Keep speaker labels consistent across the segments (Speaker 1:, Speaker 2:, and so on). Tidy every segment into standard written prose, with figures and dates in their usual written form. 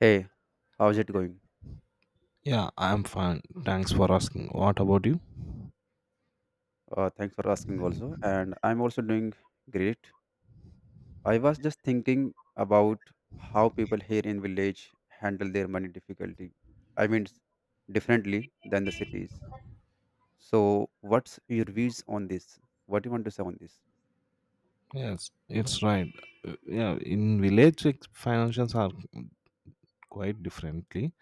Speaker 1: Hey, how's it going?
Speaker 2: Yeah, I'm fine. Thanks for asking. What about you?
Speaker 1: Thanks for asking also. And I'm also doing great. I was just thinking about how people here in village handle their money difficulty. I mean, it's differently than the cities. So what's your views on this? What do you want to say on this?
Speaker 2: Yes, it's right. Yeah, in village, financials are quite differently.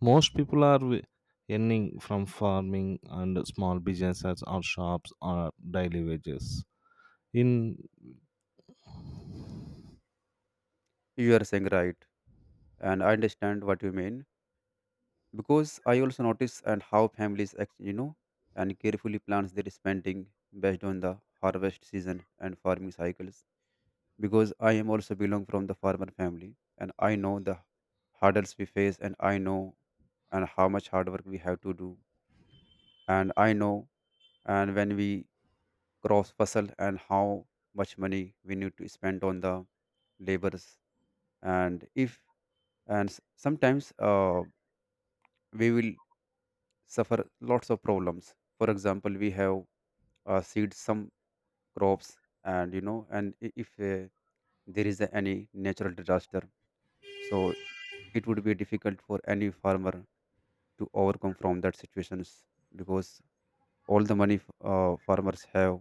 Speaker 2: Most people are earning from farming and small businesses or shops or daily wages. In
Speaker 1: You are saying right, and I understand what you mean because I also notice and how families act, you know, and carefully plans their spending based on the harvest season and farming cycles because I am also belong from the farmer family, and I know the hurdles we face, and I know and how much hard work we have to do, and I know and when we cross hustle and how much money we need to spend on the labors. And if and sometimes we will suffer lots of problems. For example, we have seed some crops, and you know and if there is any natural disaster, so it would be difficult for any farmer to overcome from that situations, because all the money farmers have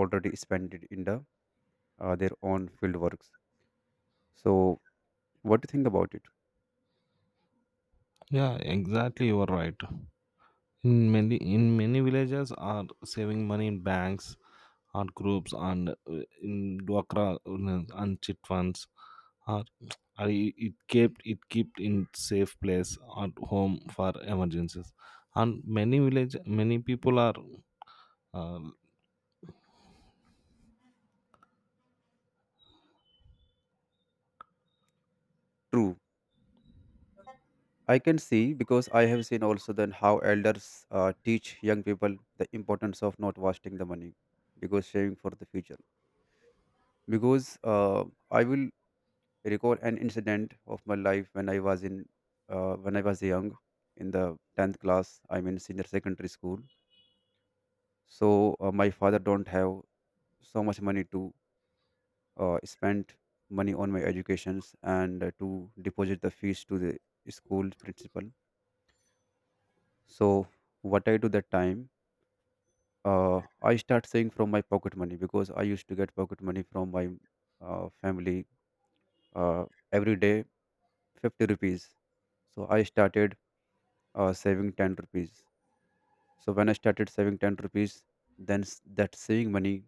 Speaker 1: already spent it in the their own field works. So what do you think about it?
Speaker 2: yeah, exactly, you are right. In many villages are saving money in banks, or groups, and in dwakra and chit funds. Or or it kept in safe place at home for emergencies. And many people are uh,
Speaker 1: True. I can see because I have seen also then how elders teach young people the importance of not wasting the money, because saving for the future. Because I will recall an incident of my life when I was in when I was young, in the 10th class I'm in senior secondary school. So my father don't have so much money to spend money on my educations, and to deposit the fees to the school principal. So what I do that time, I start saving from my pocket money, because I used to get pocket money from my family, uh, every day 50 rupees. So I started saving 10 rupees. So when I started saving 10 rupees, then that saving money,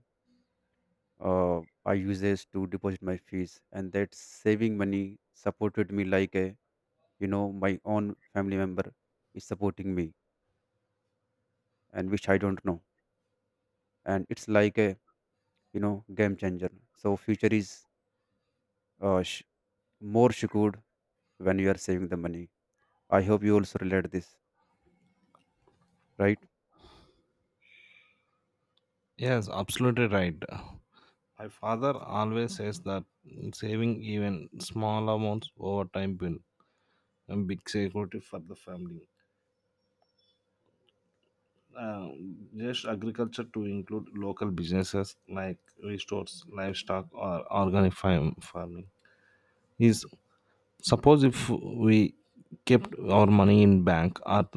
Speaker 1: I uses to deposit my fees, and that saving money supported me like a, you know, my own family member is supporting me, and which I don't know, and it's like a, you know, game changer. So future is uh, sh- more secured when you are saving the money. I hope you also relate this, right?
Speaker 2: yes absolutely right. My father always says that saving even small amounts over time will a big security for the family. Just agriculture to include local businesses like restores, livestock, or farming. Is suppose if we kept our money in bank, our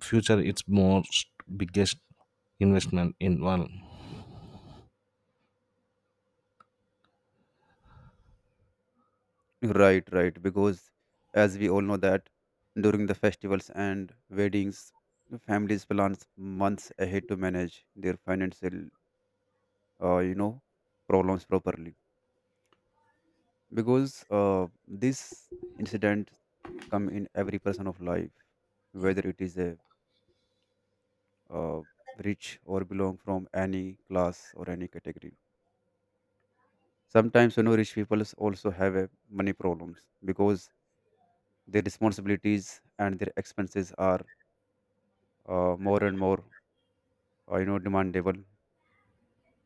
Speaker 2: future it's most biggest investment in one.
Speaker 1: Right, right. Because as we all know that during the festivals and weddings, families plan months ahead to manage their financial, you know, problems properly. Because this incident come in every person of life, whether it is a uh, rich or belong from any class or any category. Sometimes, you know, rich people also have a money problems, because their responsibilities and their expenses are more and more, you know, demandable,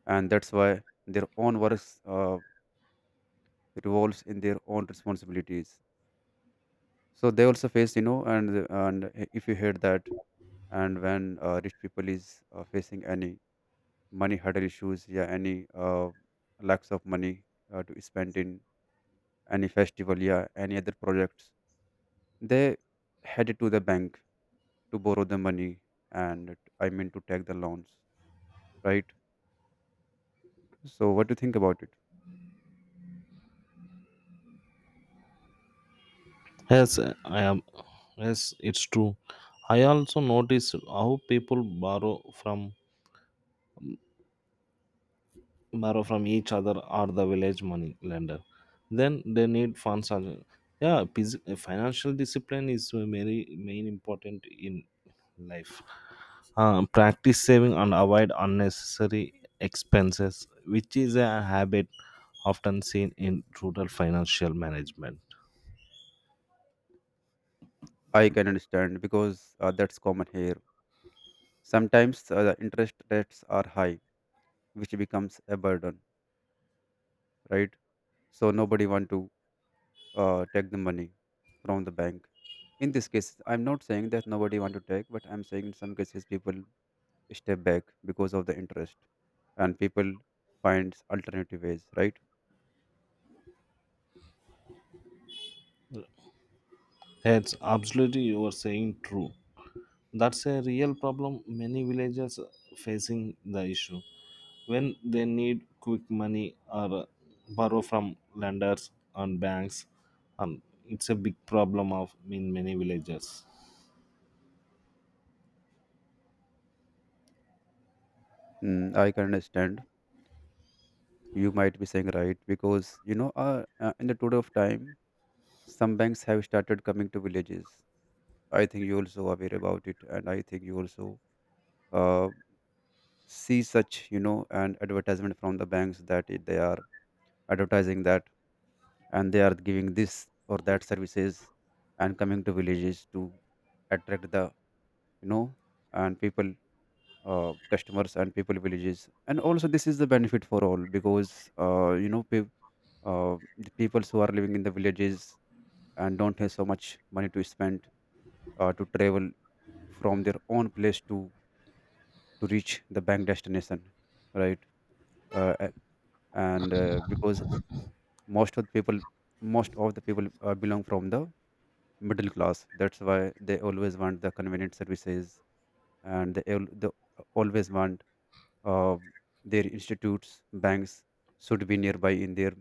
Speaker 1: and that's why their own works revolves in their own responsibilities. So they also face, you know, and if you heard that and when rich people is facing any money hurdle issues, yeah, any lacks of money to spend in any festival, yeah, any other projects, they headed to the bank to borrow the money, and I mean to take the loans, right? So what do you think about it?
Speaker 2: Yes, I am. Yes, it's true. I also noticed how people borrow from each other or the village money lender then they need funds also, financial discipline is very main important in life. Practice saving and avoid unnecessary expenses, which is a habit often seen in rural financial management.
Speaker 1: I can understand because that's common here. Sometimes the interest rates are high, which becomes a burden, right? So nobody want to take the money from the bank. In this case, I'm not saying that nobody want to take, but I'm saying in some cases people step back because of the interest, and people finds alternative ways, right?
Speaker 2: That's absolutely you are saying true. That's a real problem many villagers facing the issue when they need quick money or borrow from lenders and banks, and it's a big problem of in many villages.
Speaker 1: Mm, I can understand. You might be saying right because, you know, in the tour of time, some banks have started coming to villages. I think you also aware about it, and I think you also uh, see such, you know, an advertisement from the banks that it, they are advertising that, and they are giving this or that services, and coming to villages to attract the, you know, and people, customers and people villages. And also this is the benefit for all, because, you know, peop the people who are living in the villages and don't have so much money to spend to travel from their own place to reach the bank destination, right? A- and Because most of the people, most of the people belong from the middle class, that's why they always want the convenient services. And they always want uh, their institutes, banks, should be nearby in their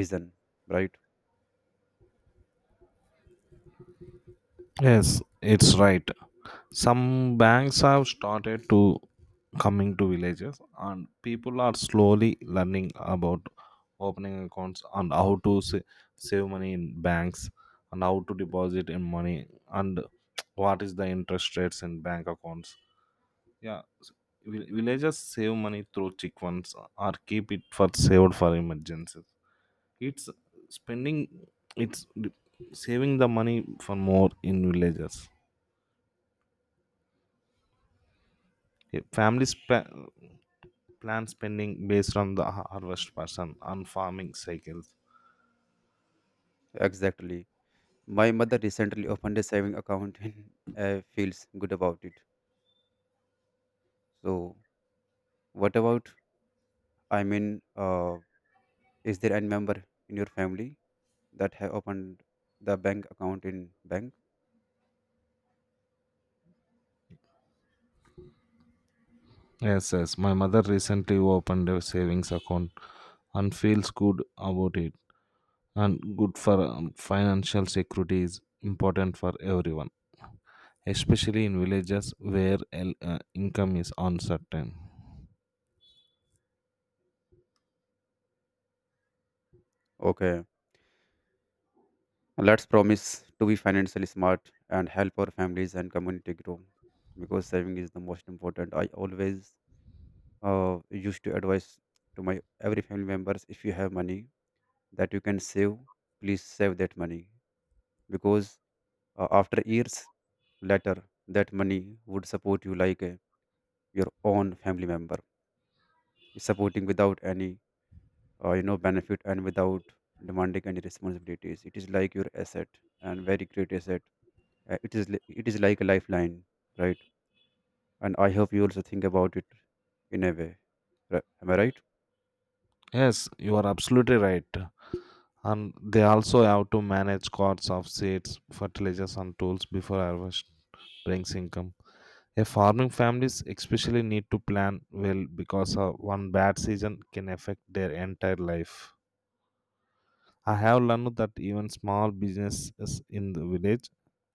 Speaker 1: region, right?
Speaker 2: Yes, it's right. Some banks have started to coming to villages and people are slowly learning about opening accounts and how to save money in banks and how to deposit in money and what is the interest rates in bank accounts. Yeah, villagers save money through chick funds or keep it for saved for emergencies. It's spending, it's d- saving the money for more in villages. Okay, families plan spending based on the harvest person on farming cycles.
Speaker 1: Exactly. My mother recently opened a saving account and feels good about it. So what about, I mean, uh, is there any member in your family that have opened the bank account in bank?
Speaker 2: Yes, yes. My mother recently opened a savings account and feels good about it. And good for financial security is important for everyone, especially in villages where income is uncertain.
Speaker 1: Okay, let's promise to be financially smart and help our families and community grow, because saving is the most important. I always used to advise to my every family members, if you have money that you can save, please save that money. Because after years later, that money would support you like a, your own family member. It's supporting without any, you know, benefit, and without demanding any responsibilities. It is like your asset, and very great asset. It is it is like a lifeline, right? And I hope you also think about it in a way. Am I right?
Speaker 2: Yes, you are absolutely right. And they also have to manage costs of seeds, fertilizers, and tools before harvest brings income. A farming families especially need to plan well because one bad season can affect their entire life. I have learned that even small businesses in the village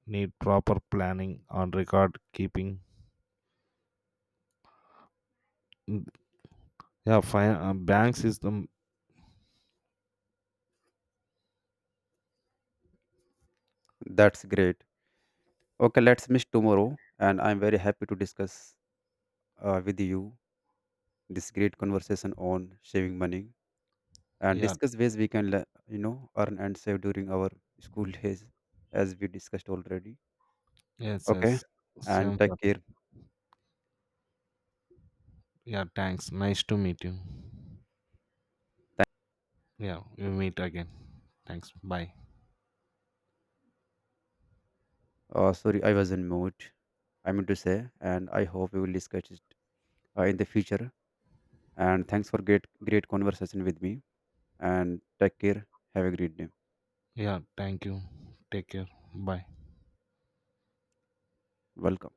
Speaker 2: need proper planning on record keeping. Mm, Yeah, fine. Banks is the
Speaker 1: That's great. Okay, let's meet tomorrow, and I'm very happy to discuss with you this great conversation on saving money, and
Speaker 2: yeah.
Speaker 1: discuss ways we can you know, earn and save during our school days, as we discussed already.
Speaker 2: Yes, yes,
Speaker 1: Okay, and
Speaker 2: same
Speaker 1: take
Speaker 2: for me.
Speaker 1: care.
Speaker 2: Yeah, thanks. Nice to meet you. Yeah, we meet again. Thanks. Bye.
Speaker 1: Sorry, I was in mood. I meant to say, and I hope we will discuss it in the future. And thanks for great conversation with me. And take care. Have a great day.
Speaker 2: Yeah, thank you. Take care. Bye.
Speaker 1: Welcome.